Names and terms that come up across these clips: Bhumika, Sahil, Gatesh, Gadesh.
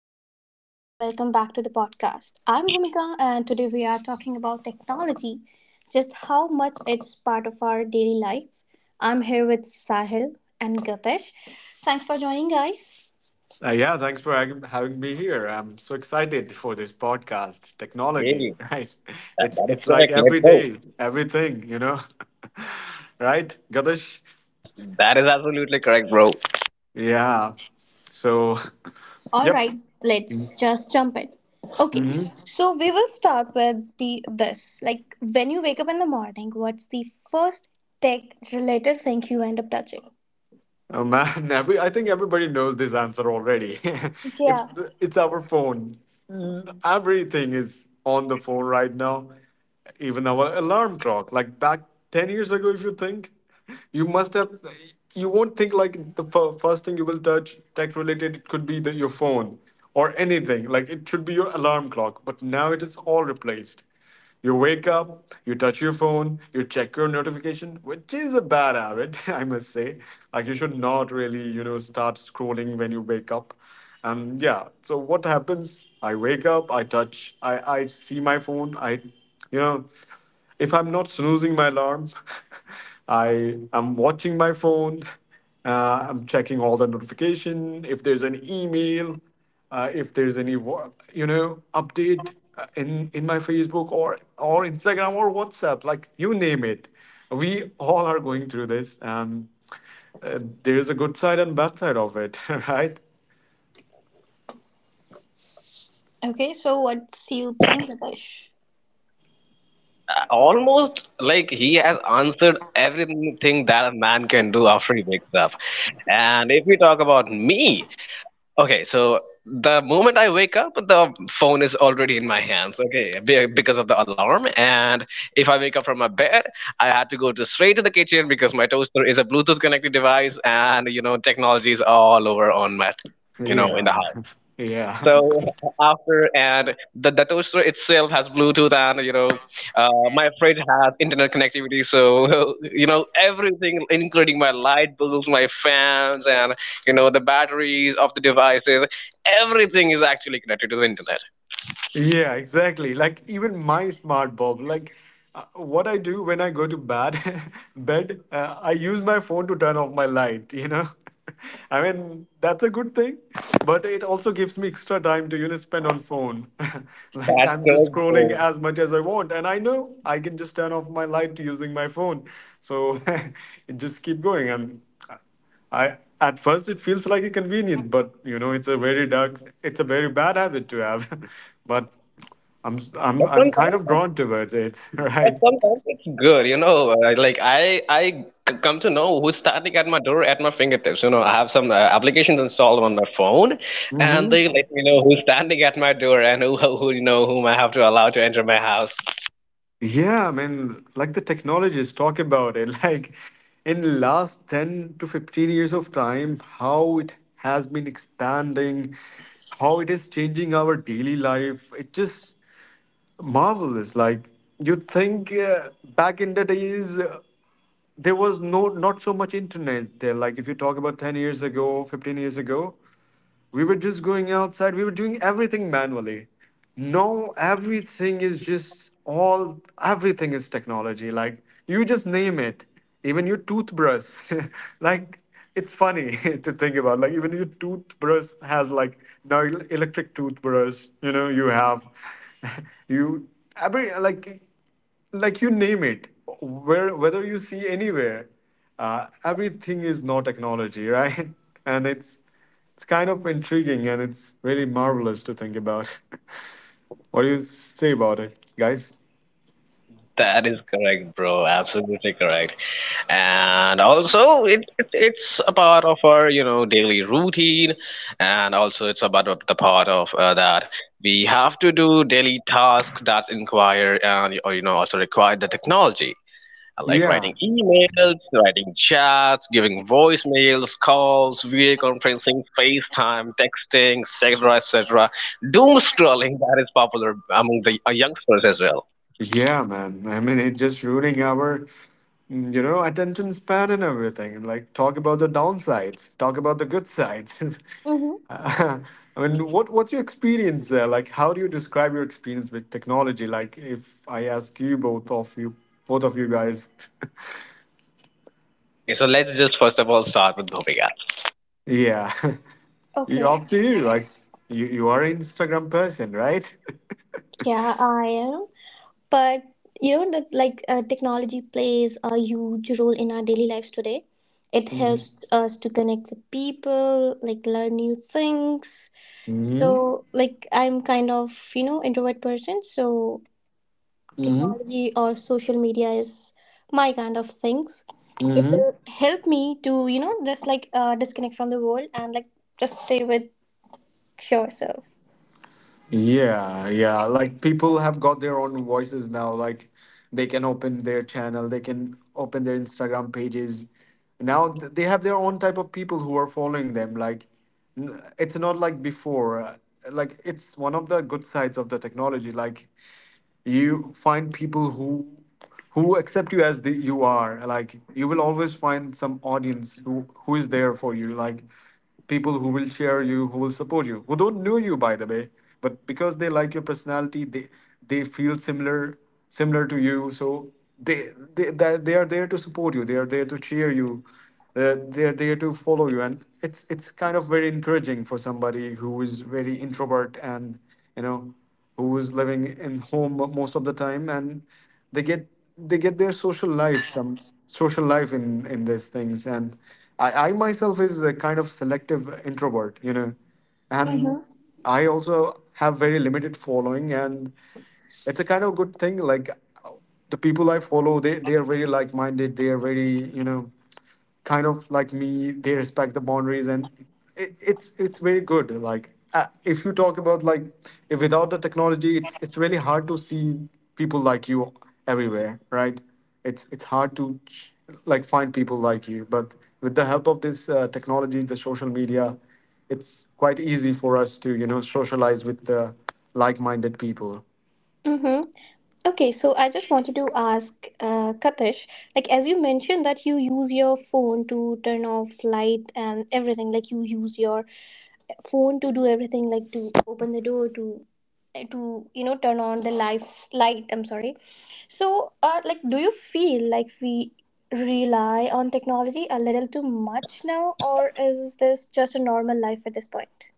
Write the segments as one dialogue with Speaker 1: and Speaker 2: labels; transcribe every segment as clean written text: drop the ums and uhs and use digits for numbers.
Speaker 1: hi everyone, welcome back to the podcast. I'm Bhumika, and today we are talking about technology, just how much it's part of our daily lives. I'm here with Sahil and Gatesh. Thanks for joining, guys.
Speaker 2: Yeah, thanks for having me here. I'm so excited for this podcast. Technology,
Speaker 3: Really?
Speaker 2: right?
Speaker 3: That,
Speaker 2: It's
Speaker 3: that is
Speaker 2: it's like
Speaker 3: correct. Let's
Speaker 2: every
Speaker 3: go.
Speaker 2: day, everything, you know. Right, Gadesh?
Speaker 3: That is absolutely correct, bro.
Speaker 2: Yeah. So,
Speaker 1: All
Speaker 2: yep.
Speaker 1: right, let's just jump in. Okay,
Speaker 2: hmm
Speaker 1: so we will start with the this. Like, when you wake up in the morning, what's the first tech-related thing you end up touching?
Speaker 2: Oh man, I think everybody knows this answer already.
Speaker 1: Yeah.
Speaker 2: It's our phone. Mm, everything is on the phone right now. Even our alarm clock, like back 10 years ago, if you think, you must have, you won't think like first thing you will touch tech related, it could be your phone or anything, like it should be your alarm clock, but now it is all replaced. You wake up, you touch your phone, you check your notification, which is a bad habit, I must say. Like, you should not really, you know, start scrolling when you wake up. And yeah, so what happens, I wake up, I touch, I see my phone, I, you know, if I'm not snoozing my alarm, I am watching my phone. I'm checking all the notification if there's an email, if there's any you know update, in my Facebook or Instagram or WhatsApp, like you name it, we all are going through this. And uh, there's a good side and bad side of it, right?
Speaker 1: Okay, so what's you think, Gatesh?
Speaker 3: Almost like he has answered everything that a man can do after he wakes up. And if we talk about me, okay, so the moment I wake up, the phone is already in my hands, okay, because of the alarm. And if I wake up from my bed, I had to go to straight to the kitchen because my toaster is a Bluetooth connected device, and technology is all over on my, in
Speaker 2: Yeah,
Speaker 3: the house.
Speaker 2: man. Yeah,
Speaker 3: So after and the toaster itself has Bluetooth, and uh, my fridge has internet connectivity, so everything including my light bulbs, my fans, and the batteries of the devices, everything is actually connected to the internet.
Speaker 2: yeah, exactly. Like even my smart bulb, like, what I do when I go to bed, I use my phone to turn off my light. You know, I mean that's a good thing, but it also gives me extra time to, you know, spend on phone. Like,
Speaker 3: That's
Speaker 2: I'm just
Speaker 3: correct,
Speaker 2: scrolling
Speaker 3: bro.
Speaker 2: as much as I want, and I know I can just turn off my light using my phone. So, it just keep going. And uh, I, at first it feels like a convenience, but you know it's a very dark, it's a very bad habit to have. But I'm I'm
Speaker 3: But
Speaker 2: I'm kind of
Speaker 3: sometimes
Speaker 2: drawn towards it,
Speaker 3: But
Speaker 2: right?
Speaker 3: sometimes it's good, you know. Like I come to know who's standing at my door at my fingertips. You know, I have some applications installed on my phone, and they
Speaker 2: hmm
Speaker 3: let me know who's standing at my door and who, whom I have to allow to enter my house.
Speaker 2: Yeah, I mean, like the technologists talk about it, like in the last 10 to 15 years of time, how it has been expanding, how it is changing our daily life. It's just marvelous. Like, you'd think, back in the days, there was no, not so much internet there, like if you talk about 10 years ago, 15 years ago, we were just going outside, we were doing everything manually. Now everything is just all, everything is technology, like you just name it. Even your toothbrush, like, it's funny to think about, like even your toothbrush has, like, now, electric toothbrush, you know, you have, you, every, like you name it, where, whether you see anywhere, everything is now technology, right? And it's kind of intriguing and it's really marvelous to think about. What do you say about it, guys?
Speaker 3: That is correct, bro. Absolutely correct. And also, it's a part of our, you know, daily routine, and also it's about of the part of that we have to do daily tasks that inquire and or you know also require the technology, like
Speaker 2: Yeah.
Speaker 3: writing emails, writing chats, giving voicemails, calls, video conferencing, FaceTime, texting, etc., etc. Doom scrolling that is popular among the youngsters as well.
Speaker 2: Yeah, man. I mean, it's just ruining our, you know, attention span and everything. Like, talk about the downsides, talk about the good sides.
Speaker 1: Mm-hmm.
Speaker 2: Uh, I mean, what's your experience there? Like, how do you describe your experience with technology? Like, if I ask you both of you, both of you guys,
Speaker 3: Okay, so let's just first of all start with Bhumika.
Speaker 2: yeah, you
Speaker 1: Okay,
Speaker 2: up to you. Like, you are an Instagram person, right?
Speaker 1: yeah, I am. But you know, that like technology plays a huge role in our daily lives today. It helps us to connect with people, like learn new things.
Speaker 2: Mm-hmm.
Speaker 1: So, like I'm kind of introvert person, so
Speaker 2: Mm-hmm.
Speaker 1: technology or social media is my kind of things. It
Speaker 2: Mm-hmm.
Speaker 1: will help me to just disconnect from the world and like just stay with yourself.
Speaker 2: Yeah, yeah. Like, people have got their own voices now. Like, they can open their channel, they can open their Instagram pages. Now they have their own type of people who are following them. Like, it's not like before. Like, it's one of the good sides of the technology. Like, you find people who accept you as the you are, like you will always find some audience who is there for you, like people who will cheer you, who will support you, who don't know you, by the way, but because they like your personality, they feel similar, similar to you, so they that they are there to support you, they are there to cheer you, they're there to follow you, and it's kind of very encouraging for somebody who is very introvert and, you know, who's living in home most of the time, and they get they get their social life, some social life in these things. And I myself is a kind of selective introvert, you know, and
Speaker 1: Mm-hmm.
Speaker 2: I also have very limited following, and it's a kind of good thing. Like, the people I follow, they are very like minded, they are very, you know, kind of like me, they respect the boundaries, and it's very good. Like, if you talk about, like, if without the technology, it's really hard to see people like you everywhere, right? It's hard to like find people like you, but with the help of this technology, the social media, it's quite easy for us to, you know, socialize with the like-minded people.
Speaker 1: Mm-hmm. Okay, so I just wanted to ask Katish, like as you mentioned that you use your phone to turn off light and everything, like you use your phone to do everything, like to open the door, to to turn on the life light. I'm sorry. So, like, do you feel like we rely on technology a little too much now, or is this just a normal life at this point?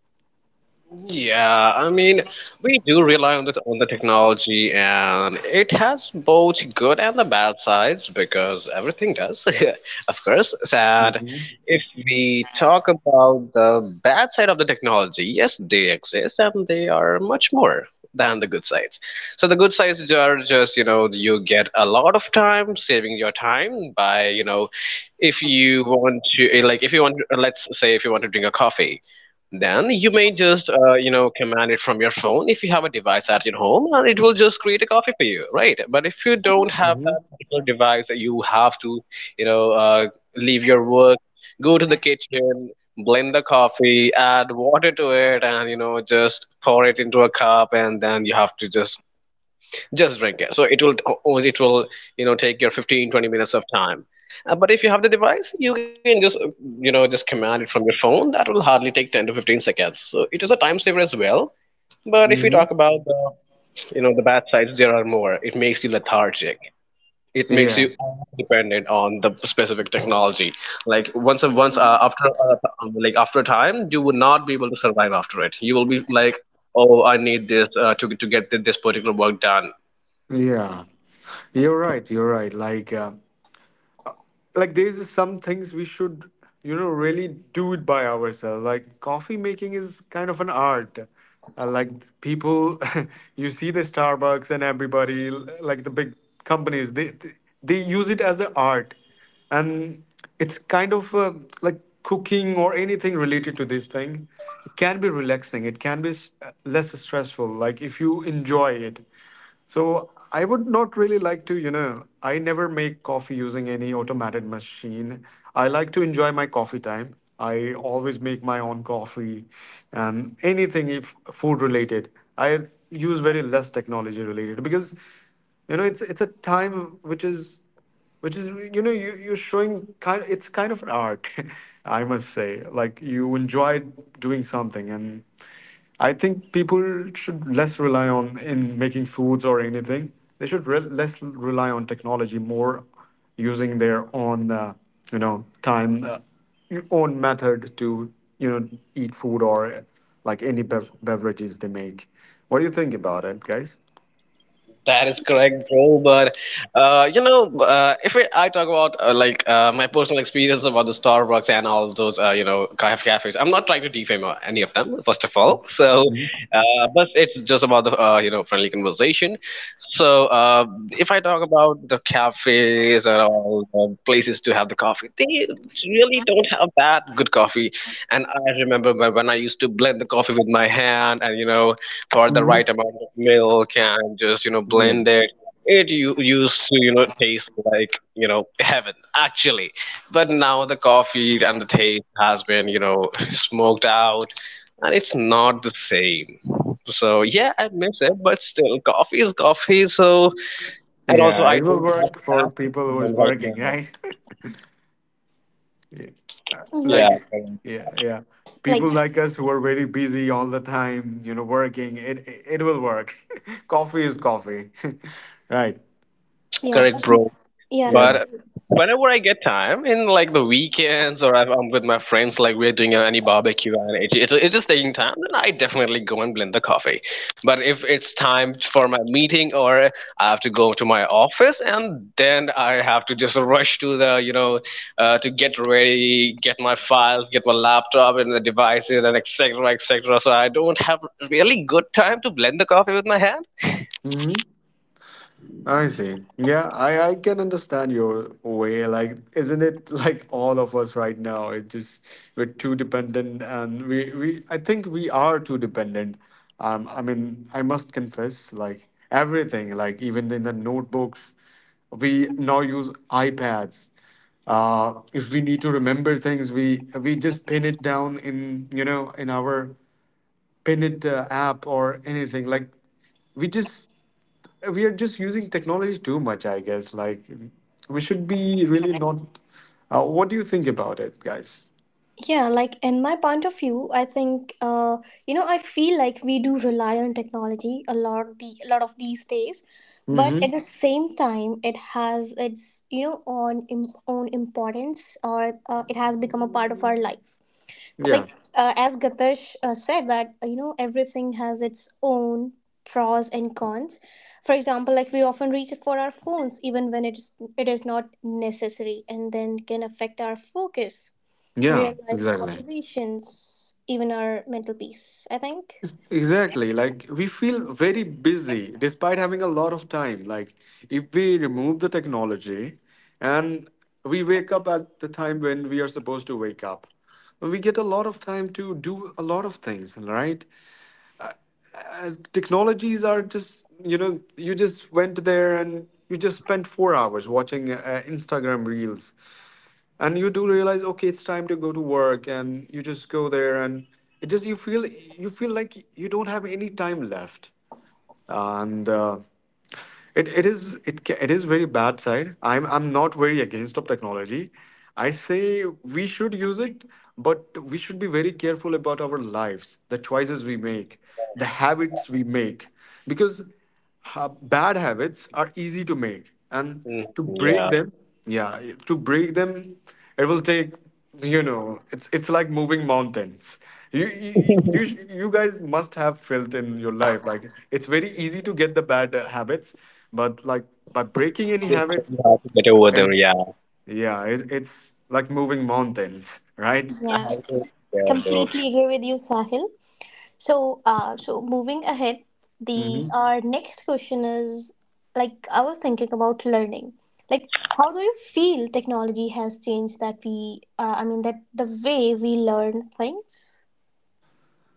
Speaker 3: Yeah, I mean, we do rely on the technology, and it has both good and the bad sides because everything does, of course. And
Speaker 2: Mhm,
Speaker 3: if we talk about the bad side of the technology, yes, they exist and they are much more than the good sides. So the good sides are just, you know, you get a lot of time saving your time by, you know, if you want to, like, if you want, let's say, if you want to drink a coffee. Then you may just, you know, command it from your phone if you have a device at your home, and it will just create a coffee for you, right? But if you don't have
Speaker 2: mhm,
Speaker 3: that particular device, you have to, you know, leave your work, go to the kitchen, blend the coffee, add water to it, and you know, just pour it into a cup, and then you have to just drink it. So it will take your 15 20 minutes of time. But if you have the device, you can just you know just command it from your phone. That will hardly take 10 to 15 seconds. So it is a time saver as well. But if we talk
Speaker 2: mhm.
Speaker 3: about the you know the bad sides, there are more. It makes you lethargic. It makes
Speaker 2: Yeah,
Speaker 3: you over dependent on the specific technology. Like once, after like after a time, you would not be able to survive after it. You will be like, oh, I need this to get this particular work done.
Speaker 2: yeah, you're right. You're right. Like there's some things we should, you know, really do it by ourselves, like coffee making is kind of an art. Like, people, you see the Starbucks and everybody, like the big companies, they use it as an art. And it's kind of, like cooking or anything related to this thing, it can be relaxing, it can be less stressful, like if you enjoy it. So, I would not really like to, you know, I never make coffee using any automated machine. I like to enjoy my coffee time. I always make my own coffee and anything if food related. I use very less technology related, because, you know, it's a time which is, which is, you know, you're showing kind, it's kind of an art. I must say, like, you enjoy doing something. And I think people should less rely on in making foods or anything. They should less rely on technology, more using their own, you know, time, your own method to, you know, eat food or like any beverages they make. What do you think about it, guys?
Speaker 3: That is correct, bro. But if I talk about like my personal experience about the Starbucks and all those, you know, cafes, I'm not trying to defame any of them, first of all. So, but it's just about the you know friendly conversation. So, if I talk about the cafes and all the places to have the coffee, they really don't have that good coffee. And I remember when I used to blend the coffee with my hand and you know pour the right
Speaker 2: Mm-hmm.
Speaker 3: amount of milk and just you know
Speaker 2: Yeah,
Speaker 3: blend it. It used to, you know, taste like, you know, heaven, actually. But now the coffee and the taste has been, you know, smoked out, and it's not the same. So yeah, I miss it, but still, coffee is coffee. So, and also
Speaker 2: yeah,
Speaker 3: I
Speaker 2: it will
Speaker 3: don't.
Speaker 2: work for people who is working, right? Yeah.
Speaker 1: Mm-hmm.
Speaker 2: Like, yeah, yeah, people
Speaker 1: Like,
Speaker 2: like us who are very busy all the time, you know, working, it will work. Coffee is coffee. Right.
Speaker 1: yeah,
Speaker 3: Correct, bro.
Speaker 1: yeah, like
Speaker 2: Yeah.
Speaker 3: But whenever I get time, in like the weekends or if I'm with my friends, like we're doing any barbecue and it is taking time, then I definitely go and blend the coffee. But if it's time for my meeting or I have to go to my office and then I have to just rush to the, you know, to get ready, get my files, get my laptop and the devices and etc. etc. So I don't have really good time to blend the coffee with my hand.
Speaker 2: Mm-hmm. I see. Yeah, I can understand your way. Like, isn't it, like all of us right now? It just, we're too dependent, and we I think we are too dependent. I mean, I must confess, like everything, like even in the notebooks, we now use iPads. If we need to remember things, we just pin it down in, you know, in our pin it app or anything, like we just, we are just using technology too much, I guess. Like, we should be really not. What do you think about it, guys?
Speaker 1: yeah, like in my point of view, I think you know I feel like we do rely on technology a lot of these days, but
Speaker 2: Mm-hmm.
Speaker 1: at the same time, it has its own importance or it has become a part of our life
Speaker 2: Yeah.
Speaker 1: like as Gatash said that you know everything has its own pros and cons. For example, like we often reach for our phones even when it is not necessary and then can affect our focus,
Speaker 2: Yeah.
Speaker 1: real life
Speaker 2: Exactly.
Speaker 1: conversations, even our mental peace, I think.
Speaker 2: Exactly. Like, we feel very busy despite having a lot of time. Like, if we remove the technology, and we wake up at the time when we are supposed to wake up, we get a lot of time to do a lot of things, right? Technologies are just, you know, you just went there and you just spent 4 hours watching Instagram reels, and you do realize, okay, it's time to go to work, and you just go there, and it just, you feel, you feel like you don't have any time left. And it, it is, it is very bad side. I'm not very against of technology. I say we should use it, but we should be very careful about our lives, the choices we make, the habits we make, because bad habits are easy to make and
Speaker 3: Mm,
Speaker 2: to break them. Yeah, to break them, it will take it's like moving mountains. you you you You guys must have felt in your life like it's very easy to get the bad habits. But like, by breaking any
Speaker 3: It's really
Speaker 2: habits.
Speaker 3: hard to get over them,
Speaker 2: And
Speaker 3: yeah.
Speaker 2: yeah, it's like moving mountains, right?
Speaker 1: Yeah,
Speaker 3: Yeah, bro.
Speaker 1: completely agree with you, Sahil. So, so moving ahead, the
Speaker 2: Hmm.
Speaker 1: our next question is like I was thinking about learning. Like, how do you feel technology has changed I mean, that the way we learn things?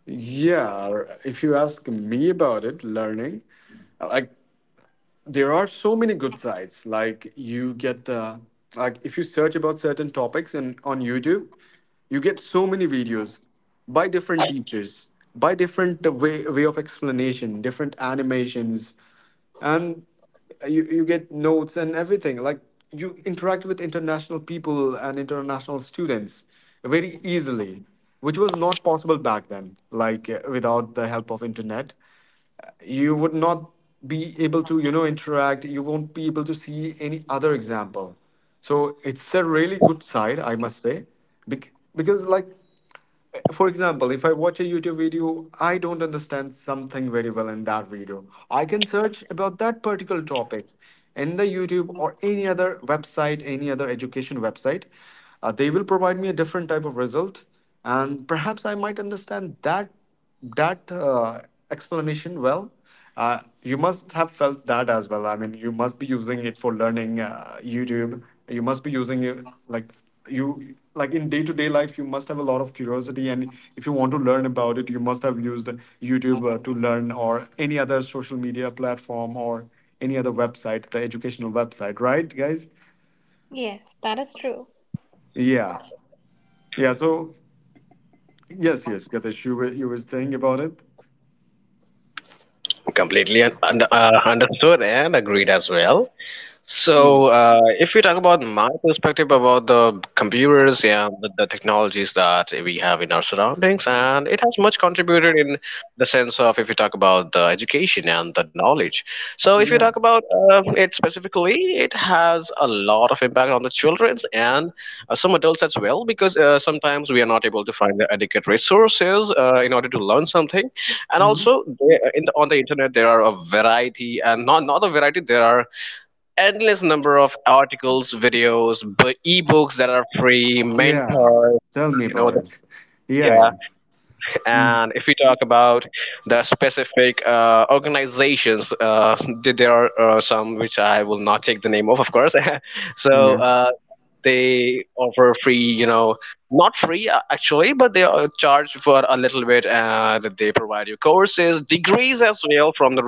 Speaker 2: Yeah, if you ask me about it, learning, like, there are so many good sites, like you get the, like, if you search about certain topics and on YouTube, you get so many videos by different teachers, by different way of explanation, different animations, and you get notes and everything, like you interact with international people and international students very easily, which was not possible back then, like, without the help of internet, you would not be able to interact. You won't be able to see any other example. So it's a really good side, I must say. Because like, for example, if I watch a YouTube video, I don't understand something very well in that video, I can search about that particular topic in the YouTube or any other website, any other education website. They will provide me a different type of result, and perhaps I might understand that that uh, explanation well. You must have felt that as well. I mean, you must be using it for learning, YouTube. You must be using it, like, you like in day to day life. You must have a lot of curiosity, and if you want to learn about it, you must have used YouTube to learn, or any other social media platform or any other website, the educational website, right, guys?
Speaker 1: Yes, that is true.
Speaker 2: Yeah, yeah. So yes, yes, Gatesh, you were saying about it.
Speaker 3: Completely understood and agreed as well.
Speaker 2: Yeah,
Speaker 3: So, if we talk about my perspective about the computers and the technologies that we have in our surroundings, and it has much contributed in the sense of if we talk about the education and the knowledge. So, if you
Speaker 2: yeah.
Speaker 3: talk about it specifically, it has a lot of impact on the childrens and some adults as well, because sometimes we are not able to find the adequate resources in order to learn something, and also there, in the, on the internet there are a variety, and not a variety, there are endless number of articles, videos, ebooks that are free,
Speaker 2: Yeah,
Speaker 3: mentors,
Speaker 2: tell
Speaker 3: and
Speaker 2: me
Speaker 3: you know,
Speaker 2: about
Speaker 3: the,
Speaker 2: it. Yeah, yeah.
Speaker 3: yeah.
Speaker 2: Mm,
Speaker 3: And if we talk about the specific organizations, there are some which I will not take the name of course. So.
Speaker 2: yeah,
Speaker 3: They offer free you know not free actually, but they charge for a little bit, and they provide you courses degrees as well from the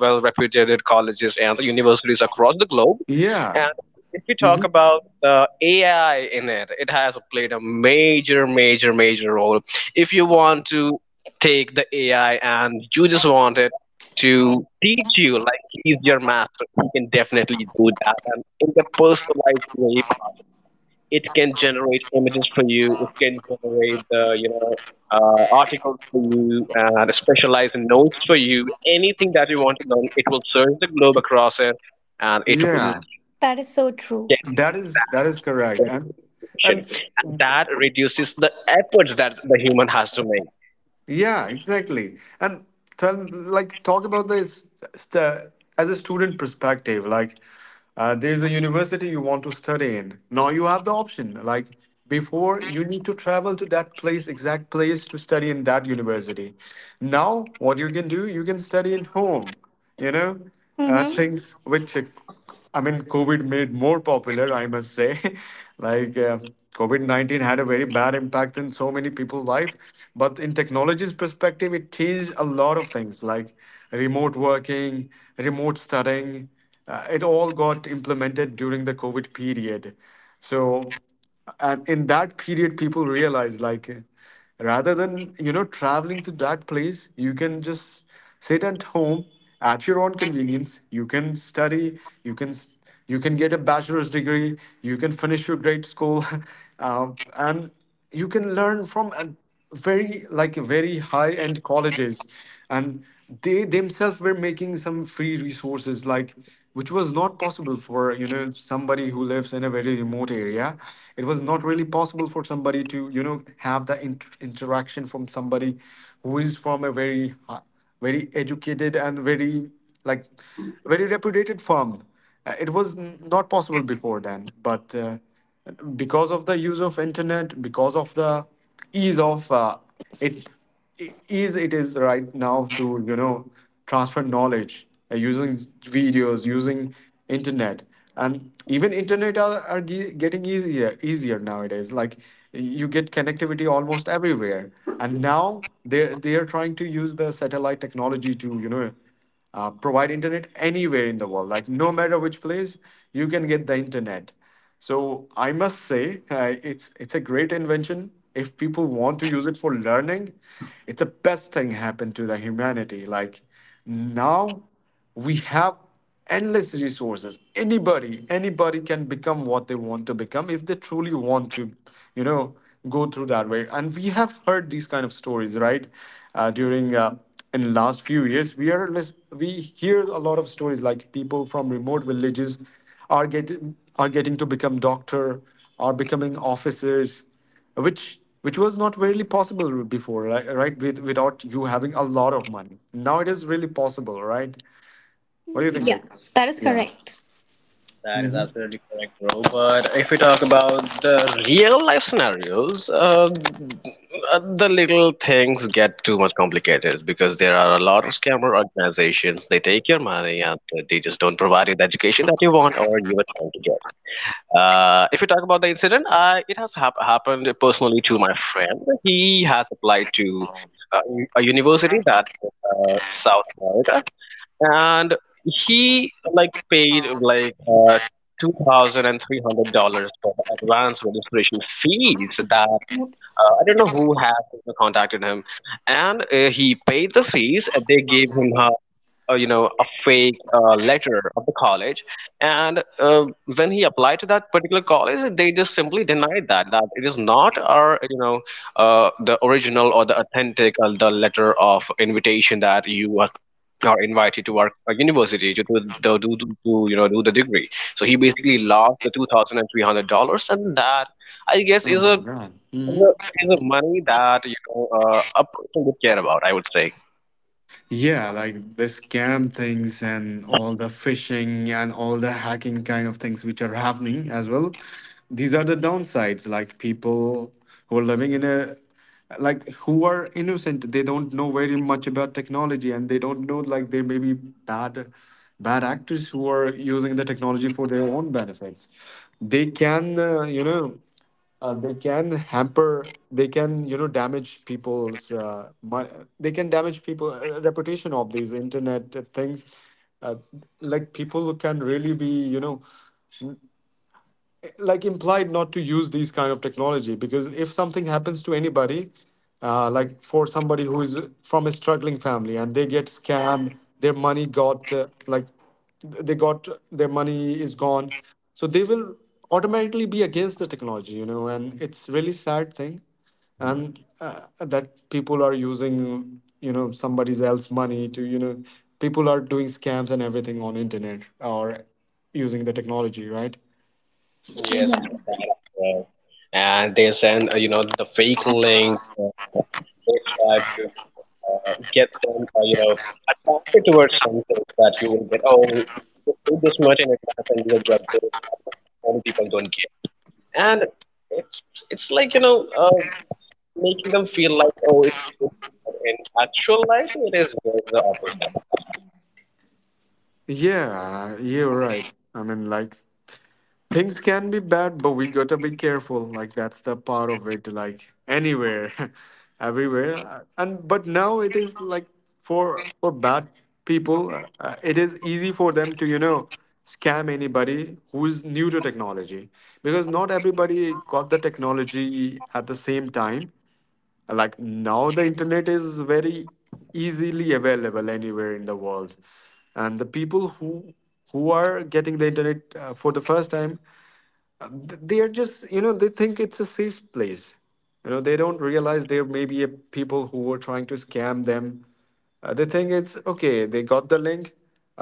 Speaker 3: well reputed colleges and the universities across the globe.
Speaker 2: yeah.
Speaker 3: And if we talk
Speaker 2: Hmm,
Speaker 3: about the AI in it, it has played a major, major, major role. If you want to take the AI and you just want it to teach you, like he's your master, he can definitely do that and in the personalized way possible. It can generate images for you, it can generate the, you know, articles for you, and specialized notes for you. Anything that you want to learn, it will search the globe across it, and it will
Speaker 2: yeah.
Speaker 3: just
Speaker 1: That is so true.
Speaker 3: get you
Speaker 2: That is,
Speaker 3: that
Speaker 2: that is correct,
Speaker 3: particular information,
Speaker 2: and
Speaker 3: and that reduces the efforts that the human has to make.
Speaker 2: yeah, exactly. And tell, like, talk about this, st as a student perspective. Like, there's a university you want to study in. Now you have the option. Like, before you need to travel to that place, exact place, to study in that university. Now, what you can do, you can study in home, you know,
Speaker 1: Mm-hmm.
Speaker 2: things which, I mean, COVID made more popular, I must say. Like COVID -19 had a very bad impact in so many people's life. But in technology's perspective, it changed a lot of things, like remote working, remote studying. It all got implemented during the COVID period. So, and in that period, people realized, like, rather than traveling to that place, you can just sit at home at your own convenience. You can study, you can you can get a bachelor's degree, you can finish your grade school and you can learn from an very, like, very high end colleges, and they themselves were making some free resources, like, which was not possible for, you know, somebody who lives in a very remote area. It was not really possible for somebody to, you know, have the interaction from somebody who is from a very very educated and very, like, very reputed firm. It was not possible before then, but because of the use of internet, because of the ease of it, ease it is right now to, you know, transfer knowledge, using videos, using internet. And even internet are getting easier easier nowadays, like you get connectivity almost everywhere, and now they are trying to use the satellite technology to, you know, provide internet anywhere in the world, like, no matter which place you can get the internet. So I must say, it's a great invention. If people want to use it for learning, it's the best thing happened to the humanity. Like, now we have endless resources. Anybody, anybody can become what they want to become if they truly want to, you know, go through that way. And we have heard these kind of stories, right? During in the last few years, we we hear a lot of stories, like people from remote villages are getting to become doctor, are becoming officers, which which was not really possible before, right, right? With, without you having a lot of money, now it is really possible, right? What do you think?
Speaker 1: Yeah,
Speaker 2: Of,
Speaker 1: that is
Speaker 2: yeah.
Speaker 1: correct.
Speaker 3: That is absolutely correct, bro. But if we talk about the real life scenarios, the little things get too much complicated because there are a lot of scammer organizations, they take your money, and they just don't provide you the education that you want or you were trying to get. If you talk about the incident, it has happened personally to my friend. He has applied to a university that is in South America, and he like paid like $2,300 for the advance registration fees that I don't know who has ever contacted him, and he paid the fees, and they gave him a, you know, a fake letter of the college, and when he applied to that particular college, they just simply denied that it is not our you know the original or the authentic the letter of invitation that you are or invited to our a university to do the do to you know do the degree. So he basically lost the $2,300, and that I guess
Speaker 2: Oh
Speaker 3: is
Speaker 2: my
Speaker 3: a
Speaker 2: god.
Speaker 3: is
Speaker 2: Hmm.
Speaker 3: a is a money that you know a person would care about, I would say.
Speaker 2: Yeah, like the scam things and all the phishing and all the hacking kind of things which are happening as well. These are the downsides. Like, people who are living in a, like, who are innocent, they don't know very much about technology, and they don't know, like, there may be bad, bad actors who are using the technology for their own benefits. They can, they can hamper, they can, you know, damage people's they can damage people reputation of these internet things. uh, like, people can really be, you know, like, implied not to use these kind of technology, because if something happens to anybody, like for somebody who is from a struggling family and they get scammed, their money got like, they got, their money is gone, so they will automatically be against the technology, you know, and it's really sad thing. And that people are using, you know, somebody's else money to, you know, people are doing scams and everything on internet, or using the technology, right?
Speaker 3: Yes, that is correct. And they send you know the fake link. They try to you know, get them you know attracted towards something that you will get. Oh, just do this much in advance, and you will get this. But many people don't care. And it's it's like you know making them feel like, oh, it's a good thing, but in actual life it is just the opposite.
Speaker 2: Yeah, you're right. I mean, like, things can be bad, but we gotta be careful. Like, that's the part of it. Like, anywhere, everywhere. And but now it is like, for bad people, it is easy for them to, you know, scam anybody who's new to technology, because not everybody got the technology at the same time. Like, now the internet is very easily available anywhere in the world, and the people who are getting the internet for the first time, they are just, you know, they think it's a safe place. You know, they don't realize there may be a people who were trying to scam them. They think it's okay, they got the link,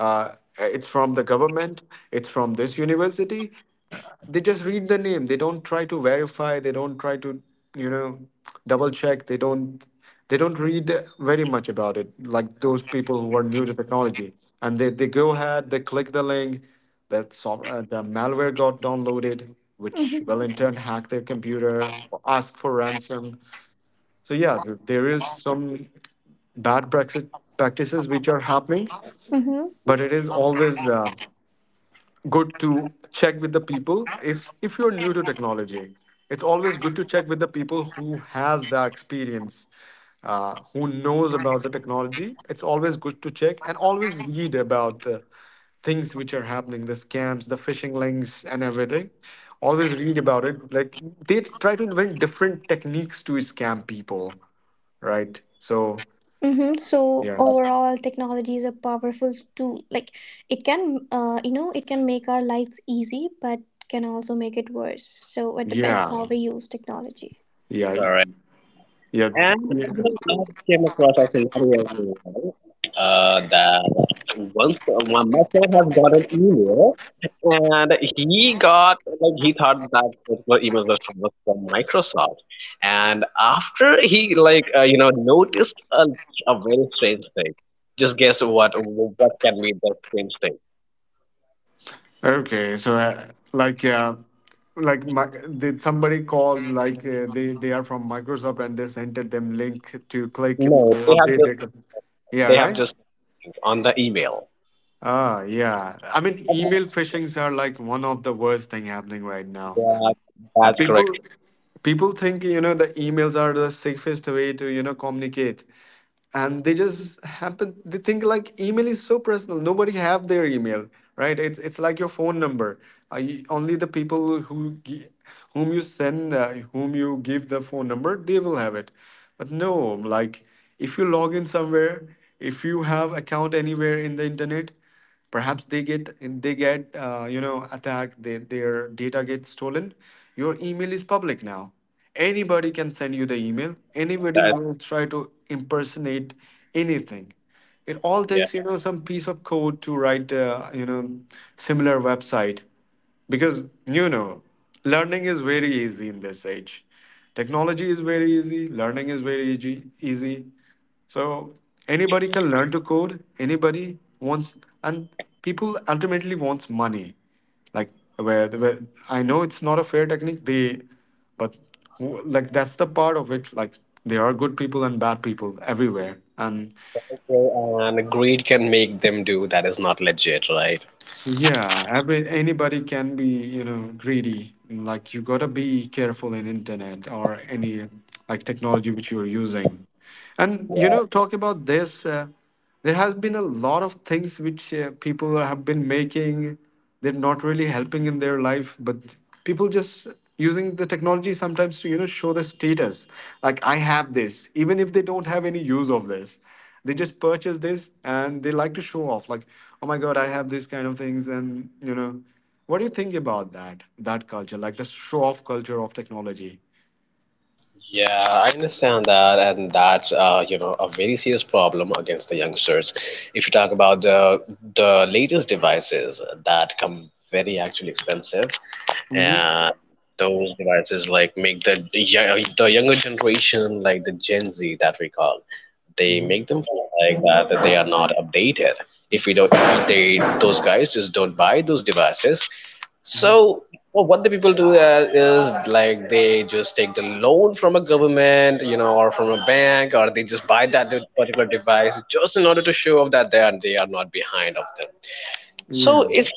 Speaker 2: uh, uh, it's from the government, it's from this university, uh, they just read the name, they don't try to verify, they don't try to, you know, double check, they don't, they don't read very much about it, like, those people who are new to technology, and they go ahead, they click the link, that soft, the malware got downloaded, which will
Speaker 1: Mm-hmm.
Speaker 2: in turn hack their computer or ask for ransom. So yeah, there is some bad practices which are happening, but it is always good to check with the people. If you're new to technology, it's always good to check with the people who has the experience, who knows about the technology. It's always good to check and always read about the things which are happening, the scams, the phishing links and everything. Always read about it, like, they try to invent different techniques to scam people, right? So
Speaker 1: Mm-hmm. So
Speaker 2: yeah,
Speaker 1: overall, technology is a powerful tool. Like it can, you know, it can make our lives easy, but can also make it worse. So it depends
Speaker 2: yeah,
Speaker 1: how we use technology.
Speaker 2: yeah,
Speaker 3: Correct.
Speaker 2: yeah.
Speaker 3: And you know, I came across a scenario as well, that once my friend has got an email, and he got like he thought that particular email was from Microsoft, and after he like you know noticed a very strange thing. Just guess what can be the strange thing?
Speaker 2: Okay, so like my, did somebody called, like, they are from Microsoft and they sent it them link to click
Speaker 3: No,
Speaker 2: for
Speaker 3: they have
Speaker 2: update
Speaker 3: just
Speaker 2: their com- yeah,
Speaker 3: they have
Speaker 2: right.
Speaker 3: just on the email.
Speaker 2: Ah yeah, I mean email phishings are like one of the worst thing happening right now.
Speaker 3: That's
Speaker 2: People,
Speaker 3: correct.
Speaker 2: people think, you know, the emails are the safest way to, you know, communicate, and they just happen, they think, like, email is so personal, nobody have their email, right, it's like your phone number. Only the people whom you send, whom you give the phone number, they will have it. But no, like, if you log in somewhere, if you have account anywhere in the internet, perhaps they get, they get you know, attacked, they, their data gets stolen, your email is public now, anybody can send you the email, anybody
Speaker 3: That's,
Speaker 2: will try to impersonate anything. It all takes, you
Speaker 3: yeah.
Speaker 2: know, some piece of code to write, similar website, because, you know, learning is very easy in this age, technology is very easy, learning is very easy, easy. So anybody can learn to code. Anybody wants, and people ultimately wants money. Like, where, where, I know it's not a fair technique. They, but like, that's the part of it. Like, there are good people and bad people everywhere, and
Speaker 3: Okay, and a grade can make them do that is not legit, right?
Speaker 2: yeah, every, anybody can be, you know, greedy. Like, you gotta be careful in internet or any, like, technology which you're using. And, you know, talk about this. There has been a lot of things which, people have been making, they're not really helping in their life, but people just using the technology sometimes to, you know, show the status, like, I have this. Even if they don't have any use of this, they just purchase this, and they like to show off, like, oh my god, I have these kind of things. And, you know, what do you think about that, that culture, like the show off culture of technology?
Speaker 3: Yeah, I understand that, and that's you know a very serious problem against the youngsters. If you talk about the latest devices that come very actually expensive,
Speaker 2: Hmm,
Speaker 3: and those devices like make the the younger generation, like the Gen Z that we call, they
Speaker 2: hmm,
Speaker 3: make them feel like that they are not updated. If we don't, if they those guys just don't buy those devices,
Speaker 2: hmm,
Speaker 3: so, well, what the people do is like they just take the loan from a government, you know, or from a bank, or they just buy that particular device just in order to show off that they are not behind of them. So
Speaker 2: yeah.
Speaker 3: it's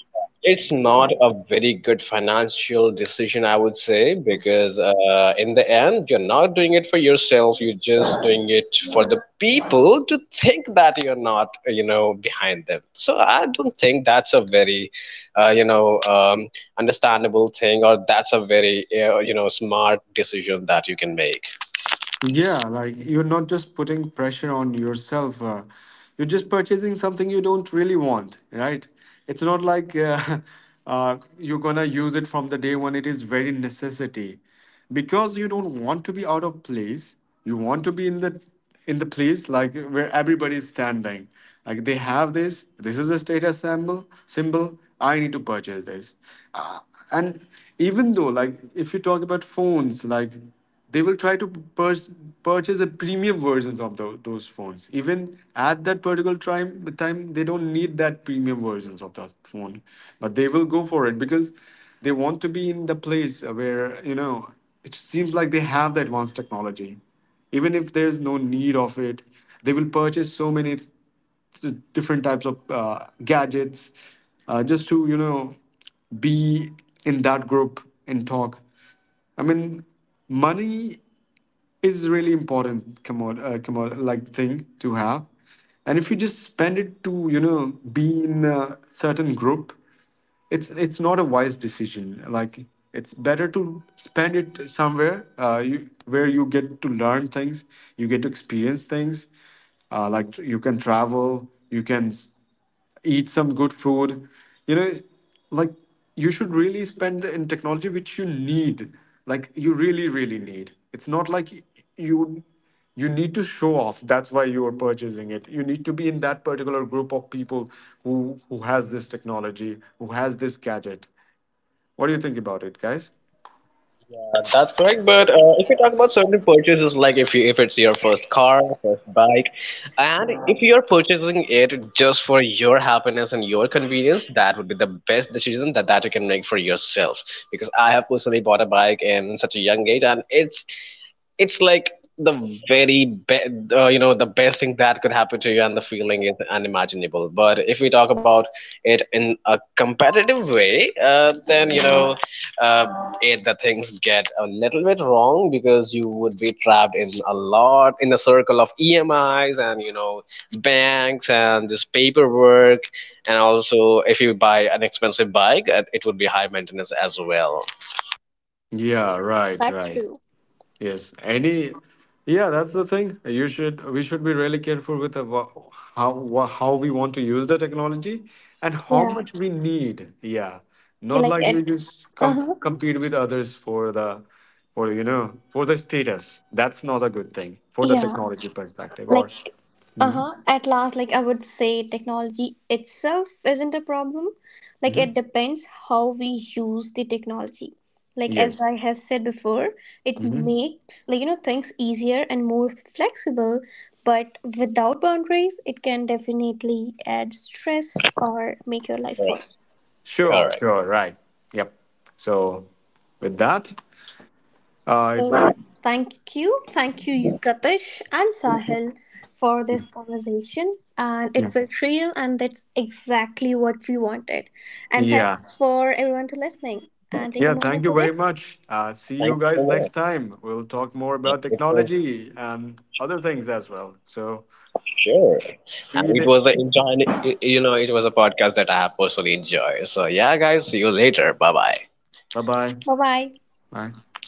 Speaker 3: it's not a very good financial decision, I would say, because in the end, you're not doing it for yourself. You're just doing it for the people to think that you're not, you know, behind them. So I don't think that's a very, you know, understandable thing, or that's a very, you know, smart decision that you can make.
Speaker 2: Yeah, like, you're not just putting pressure on yourself. You're just purchasing something you don't really want, right? It's not like you're gonna use it from the day when it is very necessity, because you don't want to be out of place. You want to be in the, in the place, like, where everybody is standing. Like, they have this. This is a status symbol. Symbol. I need to purchase this. Uh, and even though, like, if you talk about phones, like, they will try to pur- purchase a premium versions of those phones. Even at that particular time, the time they don't need that premium versions of that phone, but they will go for it because they want to be in the place where, you know, it seems like they have the advanced technology. Even if there's no need of it, they will purchase so many different types of gadgets, just to, you know, be in that group and talk. I mean, money is really important commod, like, thing to have, and if you just spend it to, you know, be in a certain group, it's not a wise decision. Like, it's better to spend it somewhere where you get to learn things, you get to experience things, like, you can travel, you can eat some good food, you know, like, you should really spend in technology which you need, like, you really really need. It's not like you you need to show off. That's why you are purchasing it. You need to be in that particular group of people who has this technology, who has this gadget. What do you think about it, guys?
Speaker 3: That's correct, but if you talk about certain purchases, like if it's your first car, first bike, and if you're purchasing it just for your happiness and your convenience, that would be the best decision that you can make for yourself. Because I have personally bought a bike in such a young age, and it's like the very be you know the best thing that could happen to you, and the feeling is unimaginable. But if we talk about it in a competitive way, then you know it, the things get a little bit wrong because you would be trapped in a lot in a circle of EMIs and you know banks and just paperwork, and also if you buy an expensive bike, it would be high maintenance as well.
Speaker 2: Yeah, right,
Speaker 1: That's
Speaker 2: right.
Speaker 1: true.
Speaker 2: Yes, any, yeah, that's the thing. You should, we should be really careful with about how how we want to use the technology and how
Speaker 1: Yeah.
Speaker 2: much we need. Yeah,
Speaker 1: Yeah.
Speaker 2: not
Speaker 1: Like
Speaker 2: like
Speaker 1: it.
Speaker 2: we just
Speaker 1: Uh huh.
Speaker 2: compete with others for the, for, you know, for the status. That's not a good thing for the
Speaker 1: Yeah,
Speaker 2: technology perspective. Or
Speaker 1: like uh-huh, at last like I would say technology itself isn't a problem. Like it
Speaker 2: mhm.
Speaker 1: depends how we use the technology. Like as
Speaker 2: Yes,
Speaker 1: I have said before, it
Speaker 2: hmm.
Speaker 1: makes you know things easier and more flexible, but without boundaries it can definitely add stress or make your life worse.
Speaker 2: Sure, sure, right, yep. So with that,
Speaker 1: So
Speaker 2: it's,
Speaker 1: thank you, Katish and Sahil, for this conversation. And it
Speaker 2: yeah,
Speaker 1: felt real, and that's exactly what we wanted. And
Speaker 2: yeah.
Speaker 1: thanks for everyone to listening. And take a
Speaker 2: Yeah, thank
Speaker 1: moment
Speaker 2: you very
Speaker 1: today.
Speaker 2: much. See you
Speaker 3: Thank
Speaker 2: guys next time. We'll talk more about technology and other things as well. So,
Speaker 3: you. And it
Speaker 2: be
Speaker 3: was a enjoy, you know, it was a podcast that I have personally enjoyed. So yeah, guys, see you later. Bye bye.
Speaker 2: bye. Bye.
Speaker 1: Bye bye.
Speaker 2: Bye.